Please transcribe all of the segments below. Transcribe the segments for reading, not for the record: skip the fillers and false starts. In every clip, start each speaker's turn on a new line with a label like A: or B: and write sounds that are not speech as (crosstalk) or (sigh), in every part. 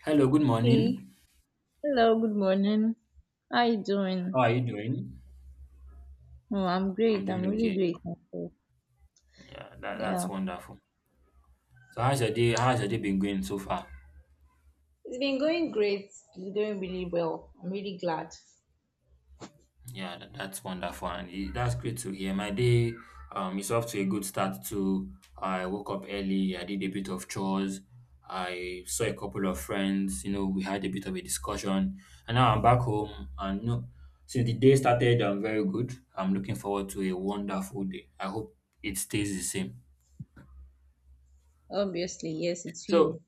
A: Hello, good
B: Okay.
A: morning.
B: Hello, good morning. How you doing?
A: How are you doing?
B: Oh, I'm
A: I'm
B: great.
A: doing
B: I'm really
A: okay.
B: great. Myself.
A: Yeah, that's
B: Yeah.
A: wonderful. So how's your day? How's your day been going so far?
B: It's been going great. It's going really well. I'm really glad.
A: Yeah, that's wonderful, and that's great to hear. My day is off to a good start too. I woke up early. I did a bit of chores. I saw a couple of friends. We had a bit of a discussion, and now I'm back home. And since the day started, I'm very good. I'm looking forward to a wonderful day. I hope it stays the same.
B: Obviously, yes, it's
A: So
B: you.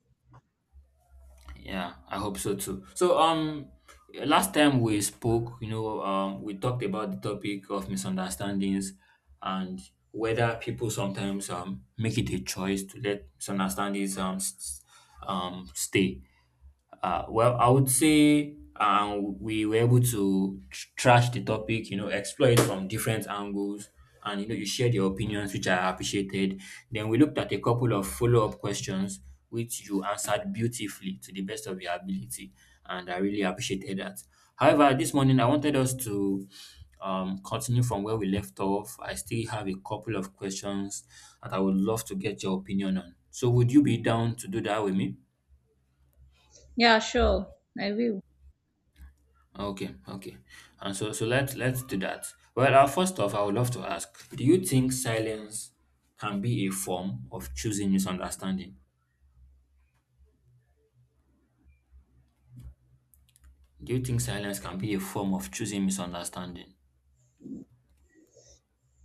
A: Yeah, I hope so too. So, last time we spoke, we talked about the topic of misunderstandings and whether people sometimes make it a choice to let misunderstandings stay. Well, I would say we were able to trash the topic, explore it from different angles. And, you shared your opinions, which I appreciated. Then we looked at a couple of follow up questions, which you answered beautifully to the best of your ability. And I really appreciated that. However, this morning I wanted us to continue from where we left off. I still have a couple of questions that I would love to get your opinion on. So, would you be down to do that with me?
B: Yeah, sure. I will.
A: Okay, okay. And so let's do that. Well, first off, I would love to ask, do you think silence can be a form of choosing misunderstanding? Do you think silence can be a form of choosing misunderstanding?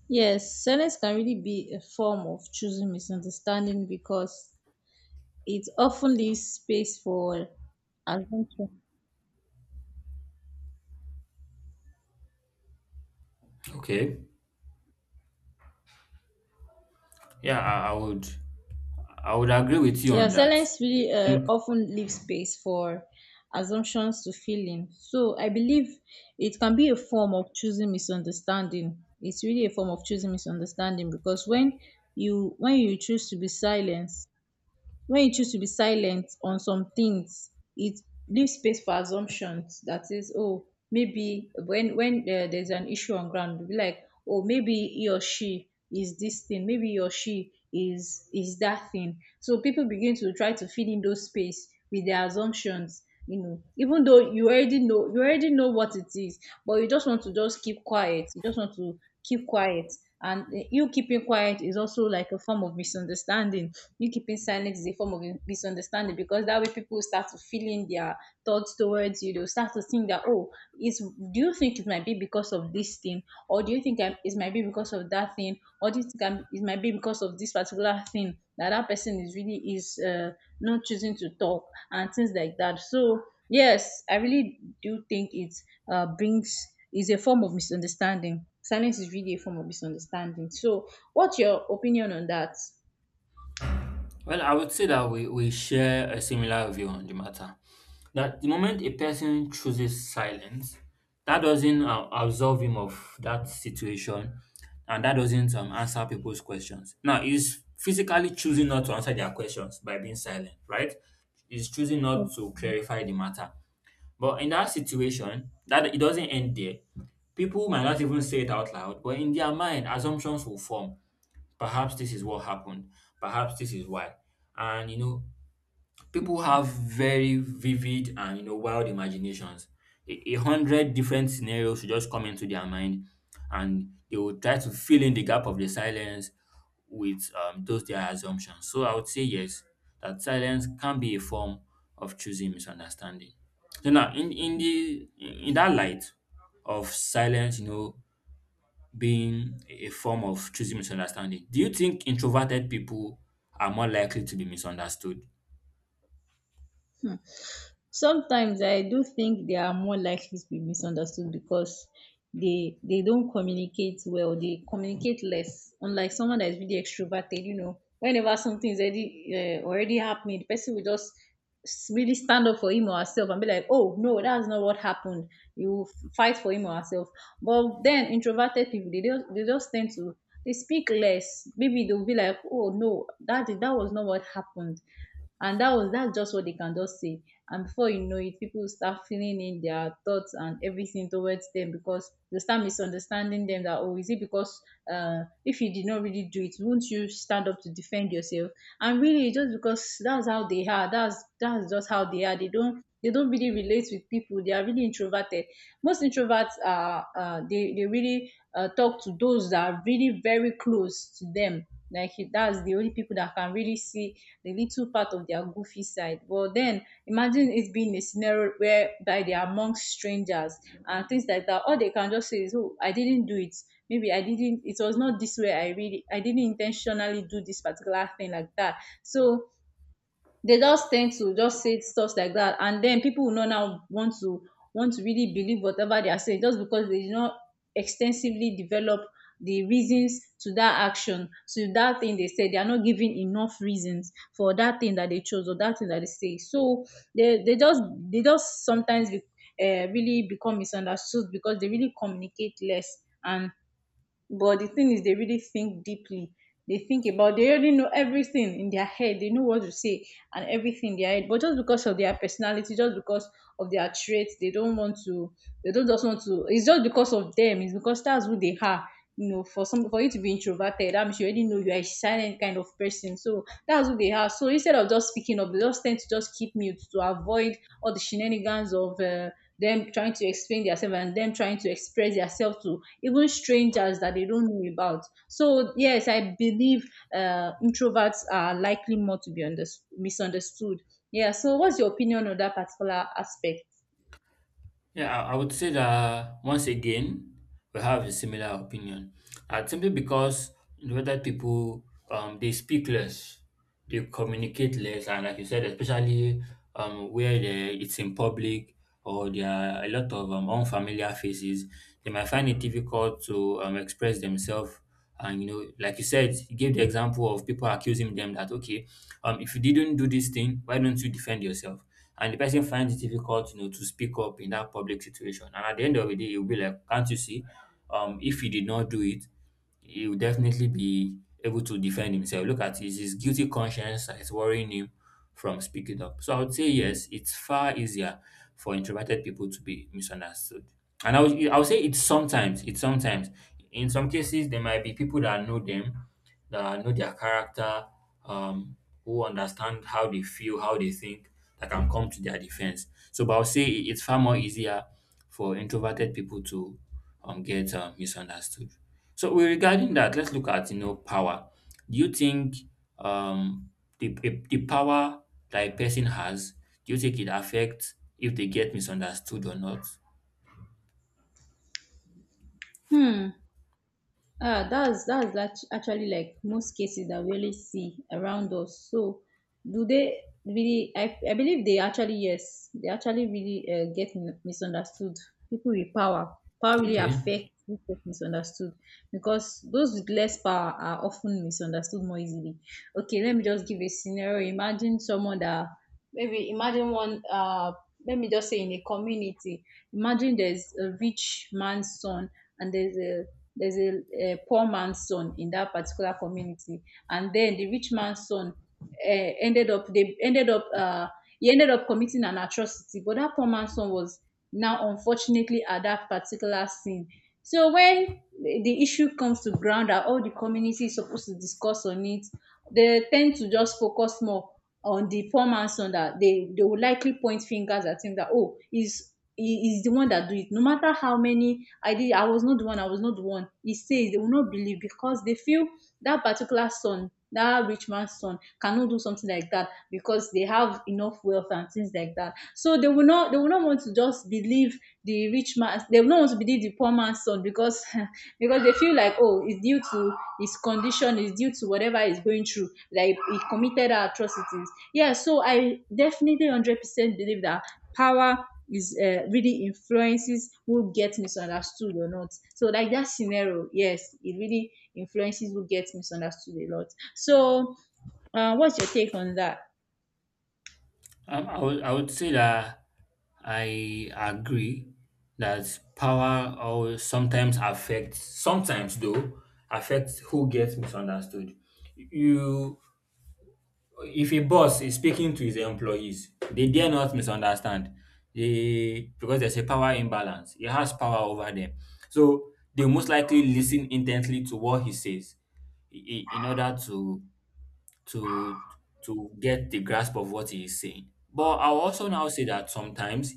B: Yes, silence can really be a form of choosing misunderstanding because it often leaves space for assumption.
A: Okay. Yeah, I would agree with you
B: Yeah,
A: on that.
B: silence really
A: I think.
B: often leaves space for assumptions to fill in. So I believe it can be a form of choosing misunderstanding. It's really a form of choosing misunderstanding because when you choose to be silent, when you choose to be silent on some things, it leaves space for assumptions. That is, oh, maybe when there's an issue on ground, you'll be like, oh, maybe he or she is this thing, maybe he or she is that thing. So people begin to try to fill in those space with their assumptions, you know, even though you already know what it is, but you just want to just keep quiet, you just want to keep quiet. And you keeping quiet is also like a form of misunderstanding. You keeping silent is a form of misunderstanding because that way people start to feel in their thoughts towards you. They'll start to think that, oh, it's, do you think it might be because of this thing? Or do you think I it might be because of that thing? Or do you think it might be because of this particular thing, that that person is really is not choosing to talk and things like that. So, yes, I really do think it brings is a form of misunderstanding. Silence is really a form of misunderstanding. So, what's your opinion on that?
A: Well, I would say that we share a similar view on the matter. That the moment a person chooses silence, that doesn't absolve him of that situation, and that doesn't answer people's questions. Now, he's physically choosing not to answer their questions by being silent, right? He's choosing not to clarify the matter. But in that situation, that it doesn't end there. People might not even say it out loud, but in their mind, assumptions will form. Perhaps this is what happened. Perhaps this is why. And you know, people have very vivid and wild imaginations. A hundred different scenarios should just come into their mind, and they will try to fill in the gap of the silence with those their assumptions. So I would say yes, that silence can be a form of choosing misunderstanding. So now, in that light of silence, being a form of choosing misunderstanding. Do you think introverted people are more likely to be misunderstood?
B: um Sometimes I do think they are more likely to be misunderstood because they don't communicate well, they communicate less, unlike someone that is really extroverted. You know, whenever something is already already happening, the person will just really stand up for him or herself and be like, oh no, that's not what happened. You will fight for him or herself. But then introverted people, they just tend to, they speak less. Maybe they'll be like, oh no, that was not what happened, and that's just what they can just say. And before you know it, people will start filling in their thoughts and everything towards them because they start misunderstanding them. That, oh, is it because if you did not really do it, won't you stand up to defend yourself? And really just because that's how they are, that's just how they are. They don't really relate with people. They are really introverted. Most introverts are they really talk to those that are really very close to them, like that's the only people that can really see the little part of their goofy side. But then imagine it being a scenario whereby they are amongst strangers and things like that. All they can just say is, oh, I didn't do it, maybe I didn't, it was not this way, I really, I didn't intentionally do this particular thing like that. So they just tend to just say stuff like that, and then people will not now want to really believe whatever they are saying, just because they did not extensively develop the reasons to that action, to that thing they said. They are not giving enough reasons for that thing that they chose or that thing that they say. So they they just they just sometimes be, really become misunderstood because they really communicate less. And but the thing is, they really think deeply. They think about, they already know everything in their head. They know what to say and everything in their head. But just because of their personality, just because of their traits, they don't just want to, it's just because of them. It's because that's who they are. You know, for some, for you to be introverted, I'm sure you already know you are a silent kind of person. So that's who they are. So instead of just speaking up, they just tend to just keep mute, to avoid all the shenanigans of them trying to explain themselves and them trying to express themselves to even strangers that they don't know about. So yes, I believe introverts are likely more to be misunderstood. Yeah. So what's your opinion on that particular aspect?
A: Yeah, I would say that once again, we have a similar opinion. Simply because whether people they speak less, they communicate less, and like you said, especially where it's in public or there are a lot of unfamiliar faces, they might find it difficult to express themselves. And like you said, you gave the example of people accusing them that okay, if you didn't do this thing, why don't you defend yourself? And the person finds it difficult, to speak up in that public situation. And at the end of the day, you'll be like, can't you see? If you did not do it, he will definitely be able to defend himself. Look at his guilty conscience that is worrying him from speaking up. So I would say yes, it's far easier for introverted people to be misunderstood. And I would say it's sometimes. In some cases, there might be people that know them, that know their character, um, who understand how they feel, how they think, that can come to their defense. So, but I would say it's far more easier for introverted people to get misunderstood. So we regarding that, let's look at power. Do you think um the power that a person has, do you think it affects if they get misunderstood or not?
B: Hmm. Ah, that's actually like most cases that we really see around us. So, do they really? I believe they actually, yes, they actually really misunderstood. People with power, power really
A: Okay.
B: affect who get misunderstood because those with less power are often misunderstood more easily. Okay, let me just give a scenario. Imagine someone that, maybe imagine one let me just say in a community, imagine there's a rich man's son, and there's a poor man's son in that particular community. And then the rich man's son ended up, they ended up, he ended up committing an atrocity. But that poor man's son was now unfortunately at that particular scene. So when the issue comes to ground that all the community is supposed to discuss on it, they tend to just focus more on the poor man's son, that they will likely point fingers at him that, oh, is he is the one that do it. No matter how many I did, I was not the one, he says, they will not believe because they feel that particular son, that rich man's son, cannot do something like that because they have enough wealth and things like that. So they will not want to just believe the rich man, they will not want to believe the poor man's son because (laughs) because they feel like, oh, it's due to his condition, it's due to whatever he's going through, like he committed atrocities. Yeah, so I definitely 100% believe that power is really influences who gets misunderstood or not. So like that scenario, yes, it really influences who gets misunderstood a lot. So what's your take on that?
A: I would I would say that I agree that power always sometimes affects sometimes though affects who gets misunderstood. You If a boss is speaking to his employees, they dare not misunderstand. They Because there's a power imbalance. He has power over them. So they most likely listen intently to what he says in order to to get the grasp of what he is saying. But I'll also now say that sometimes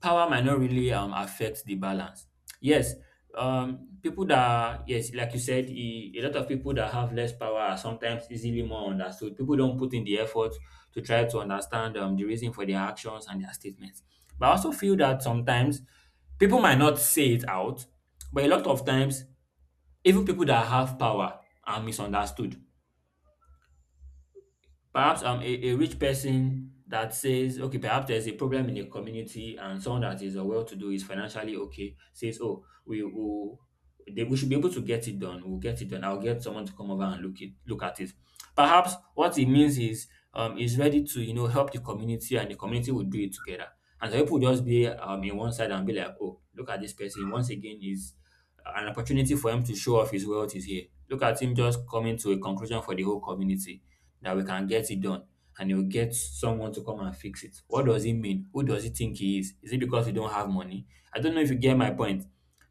A: power might not really affect the balance. Yes, yes, like you said, a lot of people that have less power are sometimes easily more understood. People don't put in the effort to try to understand the reason for their actions and their statements. But I also feel that sometimes people might not say it out, but a lot of times even people that have power are misunderstood. Perhaps I'm a rich person that says, okay, perhaps there's a problem in the community, and someone that is well to do is financially okay, says, oh, we will. We should be able to get it done. We'll get it done. I'll get someone to come over and look at it. Perhaps what it means is ready to help the community and the community will do it together. And some people just be in one side and be like, oh, look at this person. Once again, is an opportunity for him to show off his wealth is here. Look at him just coming to a conclusion for the whole community that we can get it done and he'll get someone to come and fix it. What does he mean? Who does he think he is? Is it because you don't have money? I don't know if you get my point.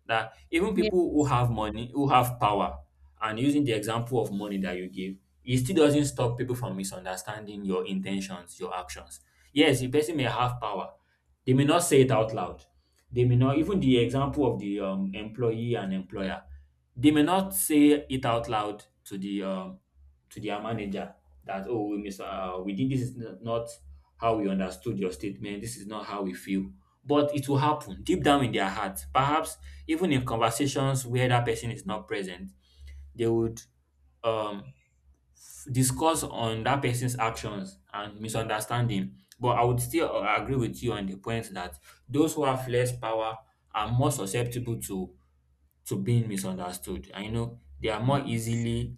A: That even
B: Yeah.
A: people who have money, who have power, and using the example of money that you give, it still doesn't stop people from misunderstanding your intentions, your actions. Yes, a person may have power. They may not say it out loud. They may not, even the example of the employee and employer, they may not say it out loud to the to their manager that oh, we miss we did, this is not how we understood your statement. This is not how we feel, but it will happen deep down in their heart. Perhaps even in conversations where that person is not present, they would um discuss on that person's actions and misunderstanding. But I would still agree with you on the point that those who have less power are more susceptible to being misunderstood. I know, they are more easily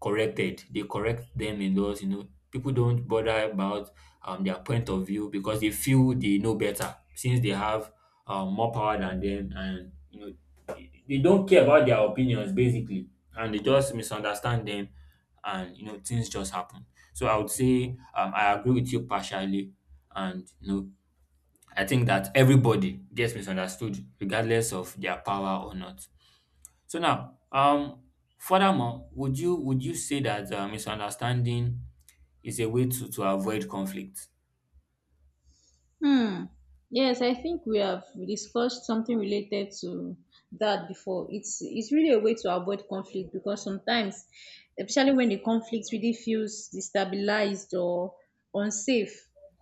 A: corrected. They correct them in those, people don't bother about their point of view because they feel they know better since they have more power than them, and they don't care about their opinions basically, and they just misunderstand them, and things just happen. So I would say I agree with you partially, and I think that everybody gets misunderstood regardless of their power or not. So now, furthermore, would you say that misunderstanding is a way to avoid conflict?
B: Hmm. Yes, I think we have discussed something related to that before. It's really a way to avoid conflict because sometimes, especially when the conflict really feels destabilized or unsafe,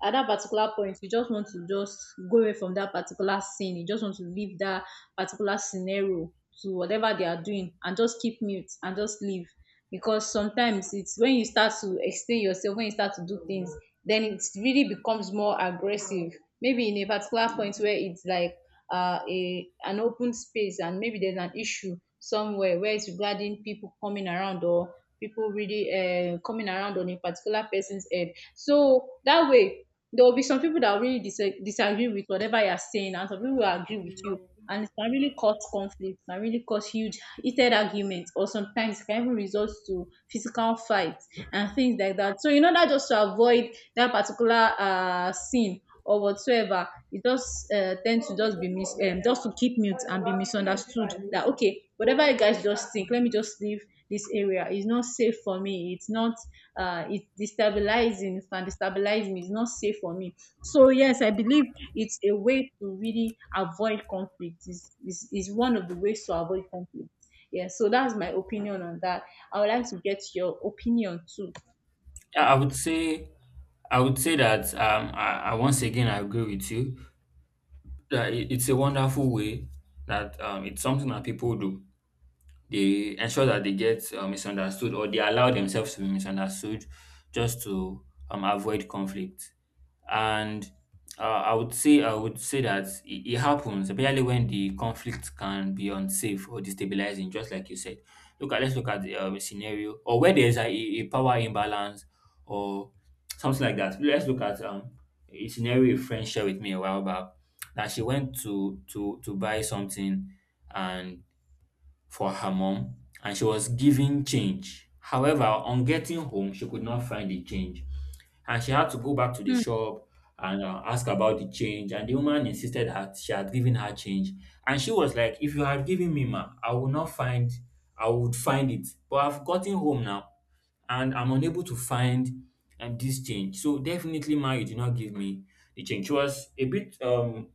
B: at that particular point, you just want to just go away from that particular scene. You just want to leave that particular scenario to whatever they are doing, and just keep mute and just leave, because sometimes it's when you start to explain yourself, when you start to do things, then it really becomes more aggressive. Maybe in a particular point where it's like a an open space, and maybe there's an issue somewhere where it's regarding people coming around, or people really coming around on a particular person's head. So that way there will be some people that really disagree with whatever you're saying, and some people will agree with you. And it can really cause conflict, can really cause huge heated arguments, or sometimes it can even result to physical fights and things like that. So, in order just to avoid that particular scene or whatsoever, you just tend to just be just to keep mute and be misunderstood. That okay, whatever you guys just think, let me just leave this area. It's not safe for me. It's not it's destabilizing, it can destabilize me, it's not safe for me. So yes, I believe it's a way to really avoid conflict, is one of the ways to avoid conflict. Yeah, so that's my opinion on that. I would like to get your opinion too.
A: Yeah, I would say that I once again I agree with you that it's a wonderful way, that it's something that people do. They ensure that they get misunderstood or they allow themselves to be misunderstood just to avoid conflict. And I would say that it happens, especially when the conflict can be unsafe or destabilizing, just like you said. Look at Let's look at a scenario or where there's a power imbalance or something like that. Let's look at a scenario a friend shared with me a while back, that she went to buy something and for her mom, and she was given change. However, on getting home, she could not find the change, and she had to go back to the
B: Hmm.
A: shop and ask about the change. And the woman insisted that she had given her change. And she was like, if you had given me, ma, I would not find, I would find it. But I've gotten home now and I'm unable to find this change. So definitely, ma, you did not give me the change. She was a bit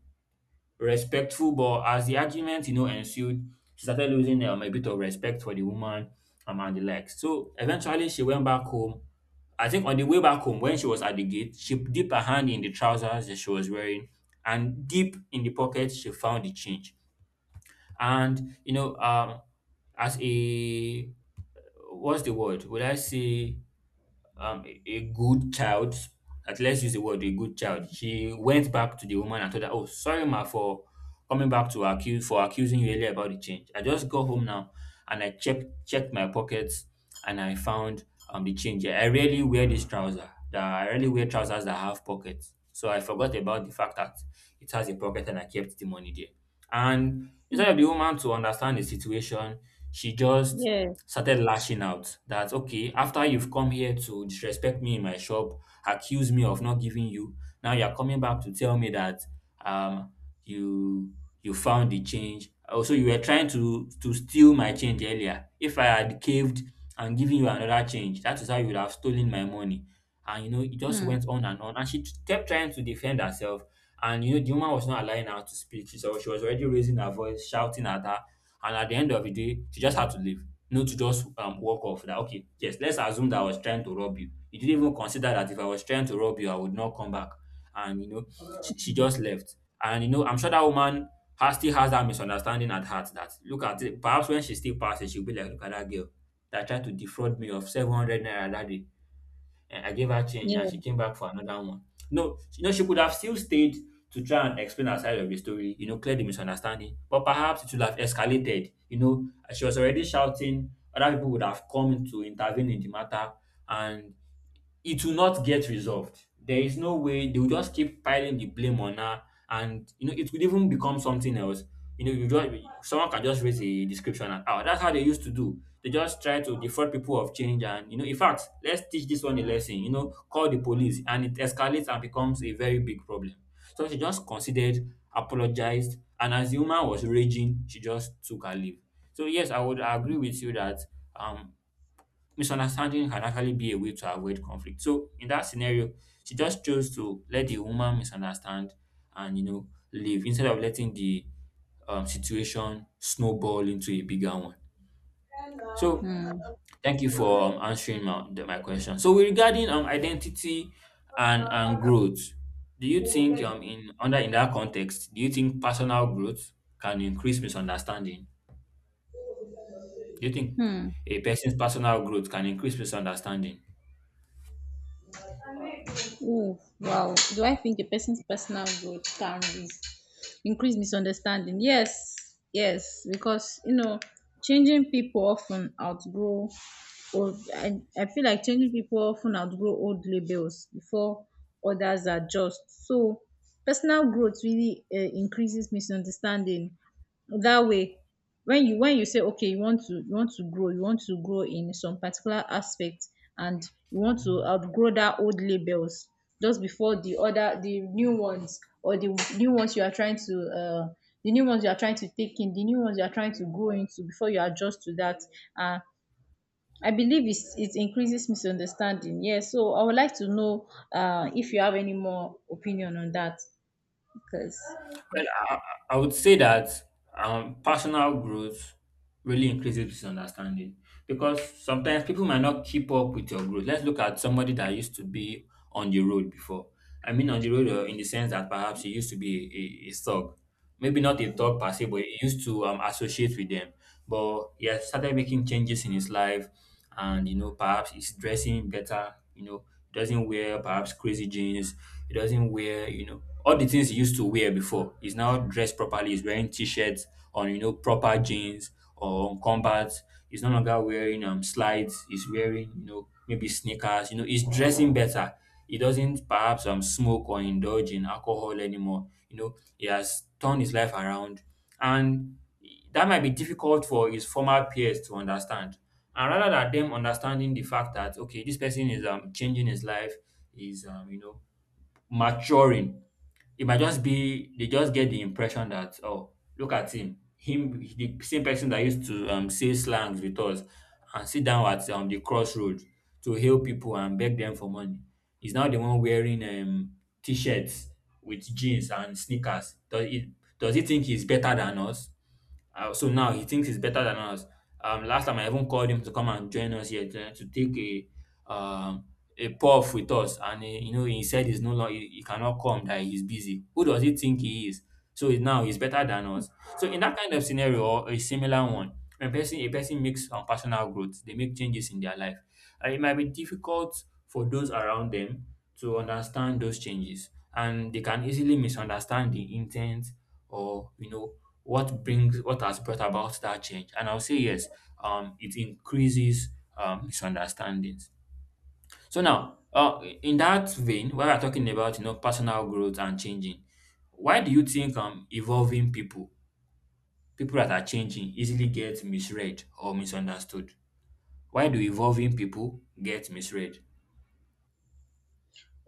A: respectful, but as the argument, ensued, she started losing a bit of respect for the woman and the likes. So eventually, she went back home. I think on the way back home, when she was at the gate, she dipped her hand in the trousers that she was wearing, and deep in the pocket, she found the change. And you know, um, as a what's the word? Would I say a good child, at let's use the word a good child. She went back to the woman and told her, "Oh, sorry, ma, for coming back to accuse for accusing you earlier about the change. I just got home now and I checked my pockets and I found the change. I rarely wear this trouser. That I rarely wear trousers that have pockets. So I forgot about the fact that it has a pocket and I kept the money there." And
B: Hmm,
A: instead of the woman to understand the situation, she just
B: yeah.
A: started lashing out that, "Okay, after you've come here to disrespect me in my shop, accuse me of not giving you, now you're coming back to tell me that um you you found the change. Also, you were trying to steal my change earlier. If I had caved and given you another change, that is how you would have stolen my money." And it just
B: Hmm,
A: went on and on, and kept trying to defend herself, and the woman was not allowing her to speak, she so she was already raising her voice, shouting at her. And at the end of the day, she just had to leave, not to just walk off. That, "Okay, yes, let's assume that I was trying to rob you. You didn't even consider that if I was trying to rob you, I would not come back." And she just left. And I'm sure that woman has still has that misunderstanding at heart. That look at it. Perhaps when she still passes, she'll be like, "Look at that girl that tried to defraud me of 700 naira that day, and I gave her change and she
B: yeah.
A: came back for another one." No, she could have still stayed to try and explain her side of the story, clear the misunderstanding. But perhaps it would have escalated. She was already shouting, other people would have come to intervene in the matter, and it will not get resolved. There is no way. They will just keep piling the blame on her, and it could even become something else. You know, you just Someone can just raise a description and, "Oh, that's how they used to do. They just try to defraud people of change," and in fact, "Let's teach this one a lesson." You know, call the police, and it escalates and becomes a very big problem. So she just considered, apologized, and as the woman was raging, she just took her leave. So yes, I would agree with you that um misunderstanding can actually be a way to avoid conflict. So in that scenario, she just chose to let the woman misunderstand and leave instead of letting the situation snowball into a bigger one. So
B: Hmm.
A: thank you for answering my question. So with regarding identity and growth, do you think in that context, do you think personal growth can increase misunderstanding? Do you think
B: Hmm.
A: a person's personal growth can increase misunderstanding?
B: Oh, wow. Do I think a person's personal growth can risk, increase misunderstanding? Yes, yes, because you know, changing people often outgrow, or I feel like changing people often outgrow old labels before others adjust. So personal growth really increases misunderstanding. That way, when you say, okay, you want to, you want to grow, you want to grow in some particular aspect, and you want to outgrow that old labels just before the new ones, or the new ones you are trying to the new ones you are trying to take in, the new ones you are trying to grow into before you adjust to that. Uh, I believe it's, it increases misunderstanding. Yeah, so I would like to know if you have any more opinion on that. Because,
A: Well, I would say that personal growth really increases misunderstanding, because sometimes people might not keep up with your growth. Let's look at somebody that used to be on the road before. I mean, on the road, in the sense that perhaps he used to be a thug. Maybe not a thug per se, but he used to associate with them. But he has started making changes in his life, and perhaps he's dressing better. He doesn't wear perhaps crazy jeans. He doesn't wear, all the things he used to wear before. He's now dressed properly. He's wearing t-shirts on, proper jeans or on combat. He's no longer wearing slides. He's wearing, maybe sneakers. He's dressing better. He doesn't perhaps smoke or indulge in alcohol anymore. He has turned his life around, and that might be difficult for his former peers to understand. And rather than them understanding the fact that, okay, this person is changing his life, is maturing, it might just be they just get the impression that, "Oh, look at him, the same person that used to say slangs with us and sit down at the crossroads to hail people and beg them for money, is now the one wearing t-shirts with jeans and sneakers. Does he think he's better than us? So now he thinks he's better than us. Last time I even called him to come and join us here to take um a puff with us, and he, you know he said he cannot come, that he's busy. Who does he think he is? So now he's better than us." So in that kind of scenario or a similar one, when person a person makes personal growth, they make changes in their life. And it might be difficult for those around them to understand those changes, and they can easily misunderstand the intent or what has brought about that change. And I'll say, yes, it increases misunderstandings. So now, in that vein, when we're talking about personal growth and changing, why do you think evolving people that are changing, easily get misread or misunderstood? Why do evolving people get misread?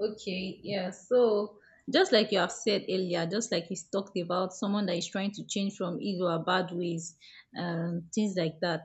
B: okay, yeah, so just like you have said earlier, just like he's talked about someone that is trying to change from evil or bad ways, things like that.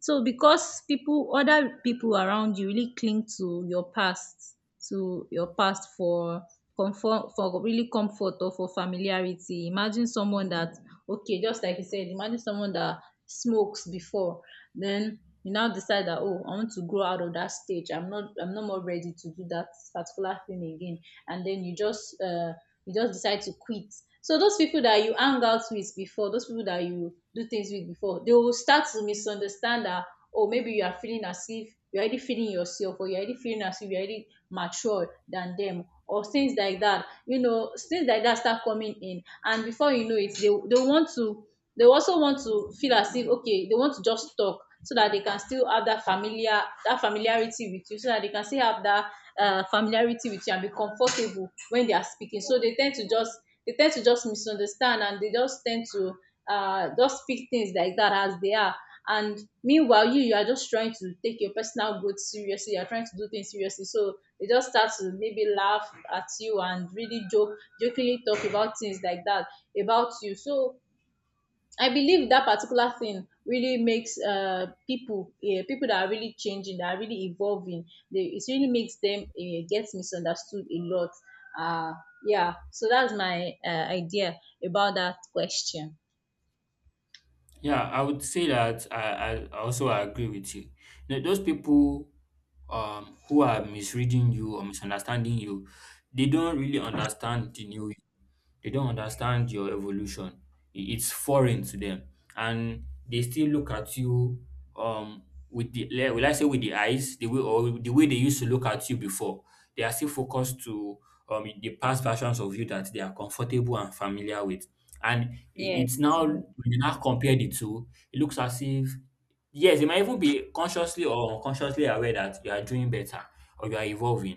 B: So because people, other people around you really cling to your past for comfort, for really comfort or for familiarity. Imagine someone that, okay, just like you said, imagine someone that smokes before, then you now decide that, oh, I want to grow out of that stage. I'm not more ready to do that particular thing again. And then you just decide to quit. So those people that you hang out with before, those people that you do things with before, they will start to misunderstand that, oh, maybe you are feeling as if you're already feeling yourself, or you're already feeling as if you're already mature than them, or things like that. You know, things like that start coming in, and before you know it, they want to, they also want to feel as if, okay, they want to just talk so that they can still have that familiar, that familiarity with you, so that they can still have that familiarity with you and be comfortable when they are speaking, so they tend to just, they tend to just misunderstand, and they just tend to just speak things like that as they are. And meanwhile, you are just trying to take your personal growth seriously, you are trying to do things seriously, so they just start to maybe laugh at you and really joke, jokingly talk about things like that about you. So I believe that particular thing really makes people, yeah, people that are really changing, that are really evolving, they, it really makes them get misunderstood a lot. Uh, yeah, so that's my idea about that question.
A: Yeah, I would say that I also agree with you. Those people, who are misreading you or misunderstanding you, they don't really understand they don't understand your evolution. It's foreign to them, and they still look at you um with will I say with the eyes, the way they used to look at you before. They are still focused to the past versions of you that they are comfortable and familiar with, and
B: Yes.
A: it's now, when you now compare the two, it looks as if. Yes, you might even be consciously or unconsciously aware that you are doing better, or you are evolving,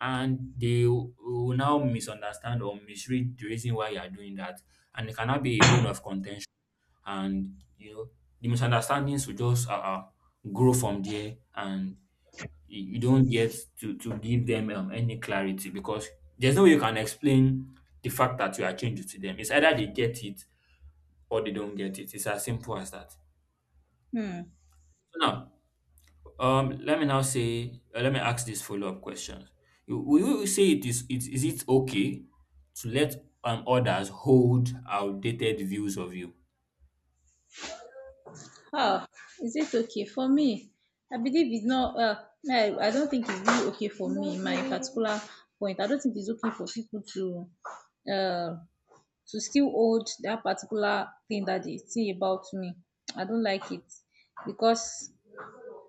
A: and they will now misunderstand or misread the reason why you are doing that, and it cannot be a bone of contention. And the misunderstandings will just grow from there, and you don't get to give them any clarity, because there's no way you can explain the fact that you are changing to them. It's either they get it or they don't get it. It's as simple as that.
B: Hmm.
A: So now, let me now let me ask this follow-up question. Will you say it is it is it okay to let others hold outdated views of you?
B: Oh, is it okay for me? I believe it's not. I don't think it's really okay for me. My particular point. I don't think it's okay for people uh to still hold that particular thing that they thing about me. I don't like it because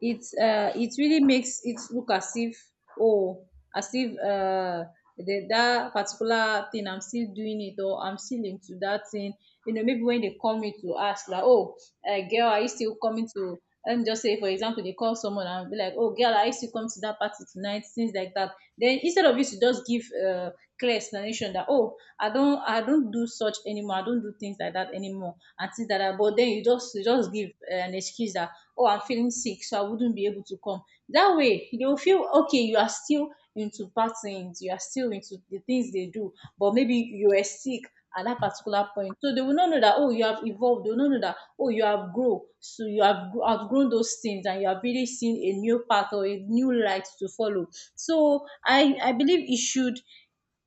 B: it it really makes it look as if, oh, as if the, that particular thing I'm still doing it, or I'm still into that thing. You know, maybe when they call me to ask like, oh, girl, are you still coming to? And just say, for example, they call someone and be like, oh, girl, are you still coming to that party tonight? Things like that. Then instead of you to just give clear explanation that, oh, I don't do such anymore. I don't do things like that anymore and things like that. But then you just give an excuse that, oh, I'm feeling sick, so I wouldn't be able to come. That way, they will feel, okay, you are still into patterns, you are still into the things they do, but maybe you were sick at that particular point. So they will not know that, oh, you have evolved. They will not know that, oh, you have grown. So you have outgrown those things and you have really seen a new path or a new light to follow. So I believe it should,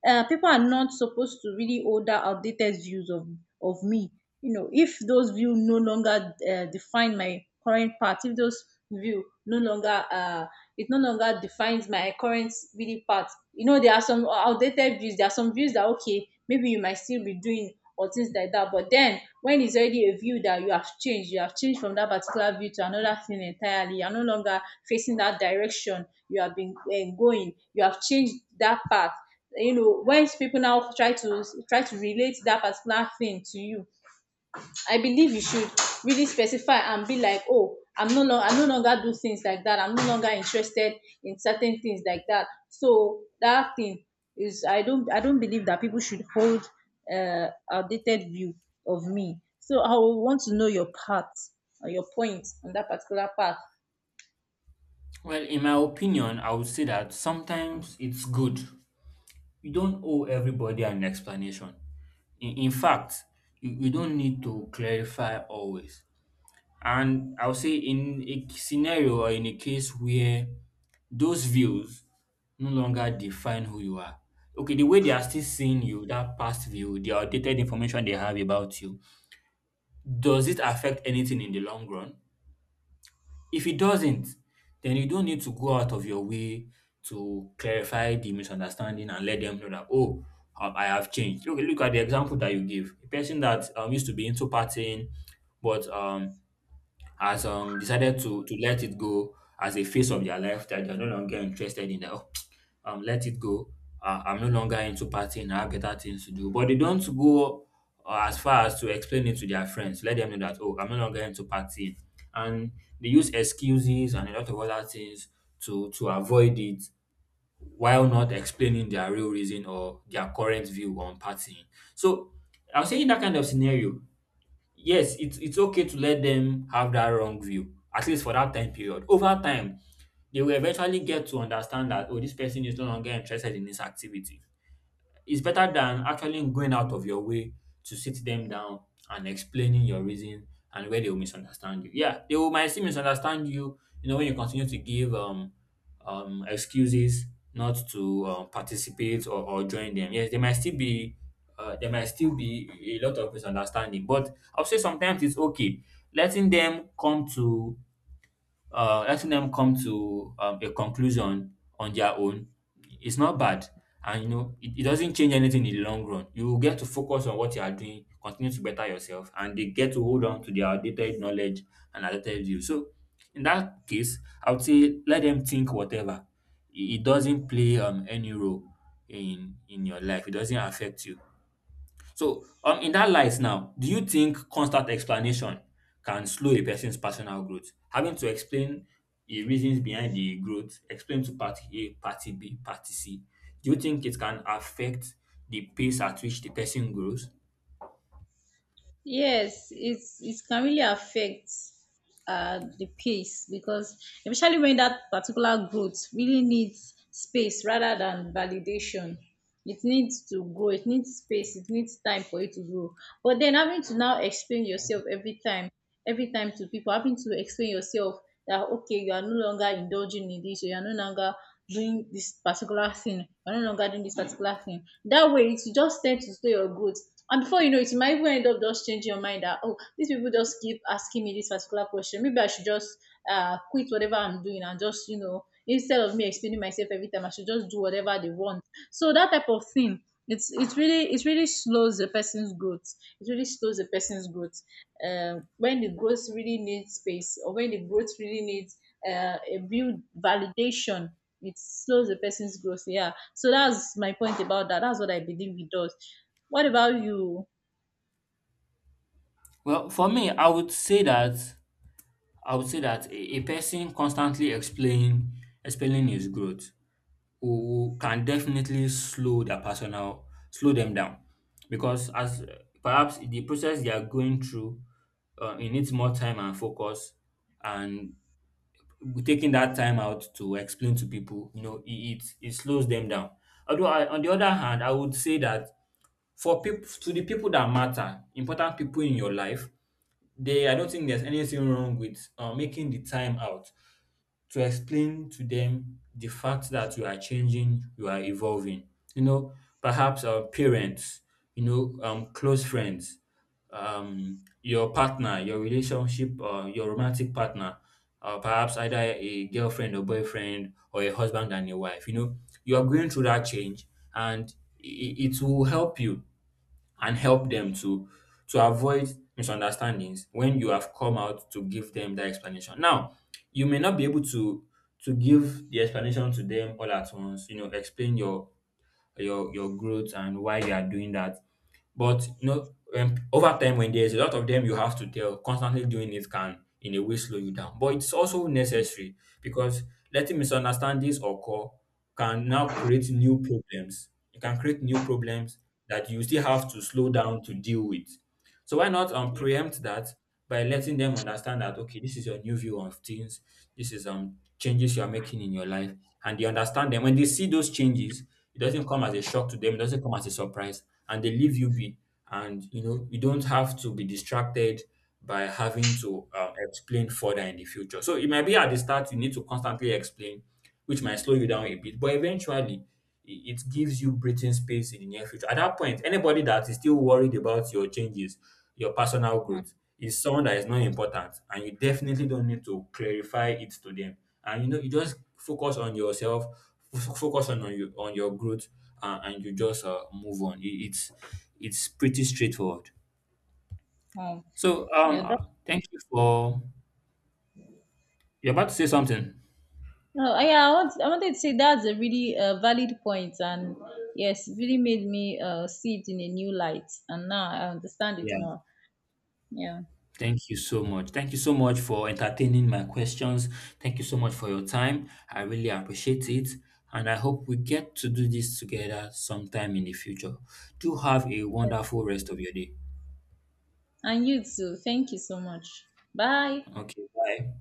B: people are not supposed to really hold that outdated views of me. You know, if those views no longer define my current path, if those view no longer it no longer defines my current really path. You know, there are some outdated views. There are some views that, okay, maybe you might still be doing or things like that. But then when it's already a view that you have changed from that particular view to another thing entirely. You're no longer facing that direction you have been going. You have changed that path. You know, when people now try to relate that particular thing to you, I believe you should really specify and be like, oh, I no longer do things like that, I'm no longer interested in certain things like that. So that thing is, I don't believe that people should hold outdated view of me. So I will want to know your part or your point on that particular part.
A: Well, in my opinion, I would say that sometimes it's good. You don't owe everybody an explanation. In fact, you don't need to clarify always. And I'll say in a scenario or in a case where those views no longer define who you are. Okay, the way they are still seeing you, that past view, the outdated information they have about you, does it affect anything in the long run? If it doesn't, then you don't need to go out of your way to clarify the misunderstanding and let them know that, "Oh, I have changed." Look, look at the example that you give. A person that used to be into partying, but has decided to let it go as a phase of their life that they're no longer interested in. That, "Oh, let it go. I'm no longer into partying. I have better things to do." But they don't go, as far as to explain it to their friends, let them know that, "Oh, I'm no longer into partying," and they use excuses and a lot of other things to avoid it, while not explaining their real reason or their current view on partying. So I'm saying that kind of scenario, yes, it's okay to let them have that wrong view, at least for that time period. Over time, they will eventually get to understand that, "Oh, this person is no longer interested in this activity." It's better than actually going out of your way to sit them down and explaining your reason and where they will misunderstand you. Yeah, they will might still misunderstand you, when you continue to give excuses not to participate or join them. Yes, they might still be there might still be a lot of misunderstanding, but I'll say sometimes it's okay letting them come to a conclusion on their own is not bad. And you know, it doesn't change anything in the long run. You get to focus on what you are doing, continue to better yourself, and they get to hold on to their outdated knowledge and outdated view. So, in that case, I would say let them think whatever. It doesn't play any role in your life. It doesn't affect you. So, in that light now, do you think constant explanation can slow a person's personal growth? Having to explain the reasons behind the growth, explain to party A, party B, party C, do you think it can affect the pace at which the person grows?
B: Yes, it's it can really affect the pace because especially when that particular growth really needs space rather than validation. It needs to grow, it needs space, it needs time for it to grow. But then having to now explain yourself every time to people, having to explain yourself that, okay, you are no longer indulging in this, or you are no longer doing this particular thing, you are no longer doing this particular thing. That way it will just tend to slow your growth, and before you know it, you might even end up just changing your mind that, oh, these people just keep asking me this particular question. Maybe I should just quit whatever I'm doing and just, you know, instead of me explaining myself every time, I should just do whatever they want. So that type of thing, it's really it really slows the person's growth. It really slows the person's growth. When the growth really needs space, or when the growth really needs a real validation, it slows the person's growth. Yeah. So that's my point about that. That's what I believe it does. What about you?
A: Well, for me, I would say that a person constantly explaining his growth who can definitely slow their personal slow them down because as perhaps the process they are going through it needs more time and focus and taking that time out to explain to people, you know, it slows them down. Although I, on the other hand, I would say that for people to the people that matter, important people in your life, they, I don't think there's anything wrong with making the time out to explain to them the fact that you are changing, you are evolving. You know, perhaps our parents, you know, close friends, your partner, your relationship, your romantic partner, perhaps either a girlfriend or boyfriend or a husband and a wife. You know, you are going through that change, and it will help you and help them to avoid misunderstandings when you have come out to give them that explanation. Now, you may not be able to give the explanation to them all at once, you know, explain your growth and why you are doing that. But you know, over time, when there's a lot of them, you have to tell. Constantly doing it can, in a way, slow you down. But it's also necessary because letting misunderstandings occur can now create new problems. It can create new problems that you still have to slow down to deal with. So why not preempt that by letting them understand that, okay, this is your new view of things, this is changes you are making in your life, and they understand them. When they see those changes, it doesn't come as a shock to them, it doesn't come as a surprise, and they leave you be. And you know, you don't have to be distracted by having to explain further in the future. So it might be at the start you need to constantly explain, which might slow you down a bit, but eventually it gives you breathing space in the near future. At that point, anybody that is still worried about your changes, your personal
B: Hmm.
A: growth, is someone that is not important, and you definitely don't need to clarify it to them. And you know, you just focus on yourself, focus on your growth, and you just move on. It's pretty straightforward.
B: Oh,
A: So
B: yeah, that,
A: thank you for. You're about to say something.
B: no, yeah, I wanted to say that's a really valid point, and yes, it really made me see it in a new light, and now I understand it
A: Yeah.
B: more. Yeah,
A: Thank you so much. Thank you so much for entertaining my questions. Thank you so much for your time. I really appreciate it. And I hope we get to do this together sometime in the future. Do have a
B: yeah.
A: wonderful rest of your day.
B: And you too. Thank you so much. Bye.
A: Okay, bye.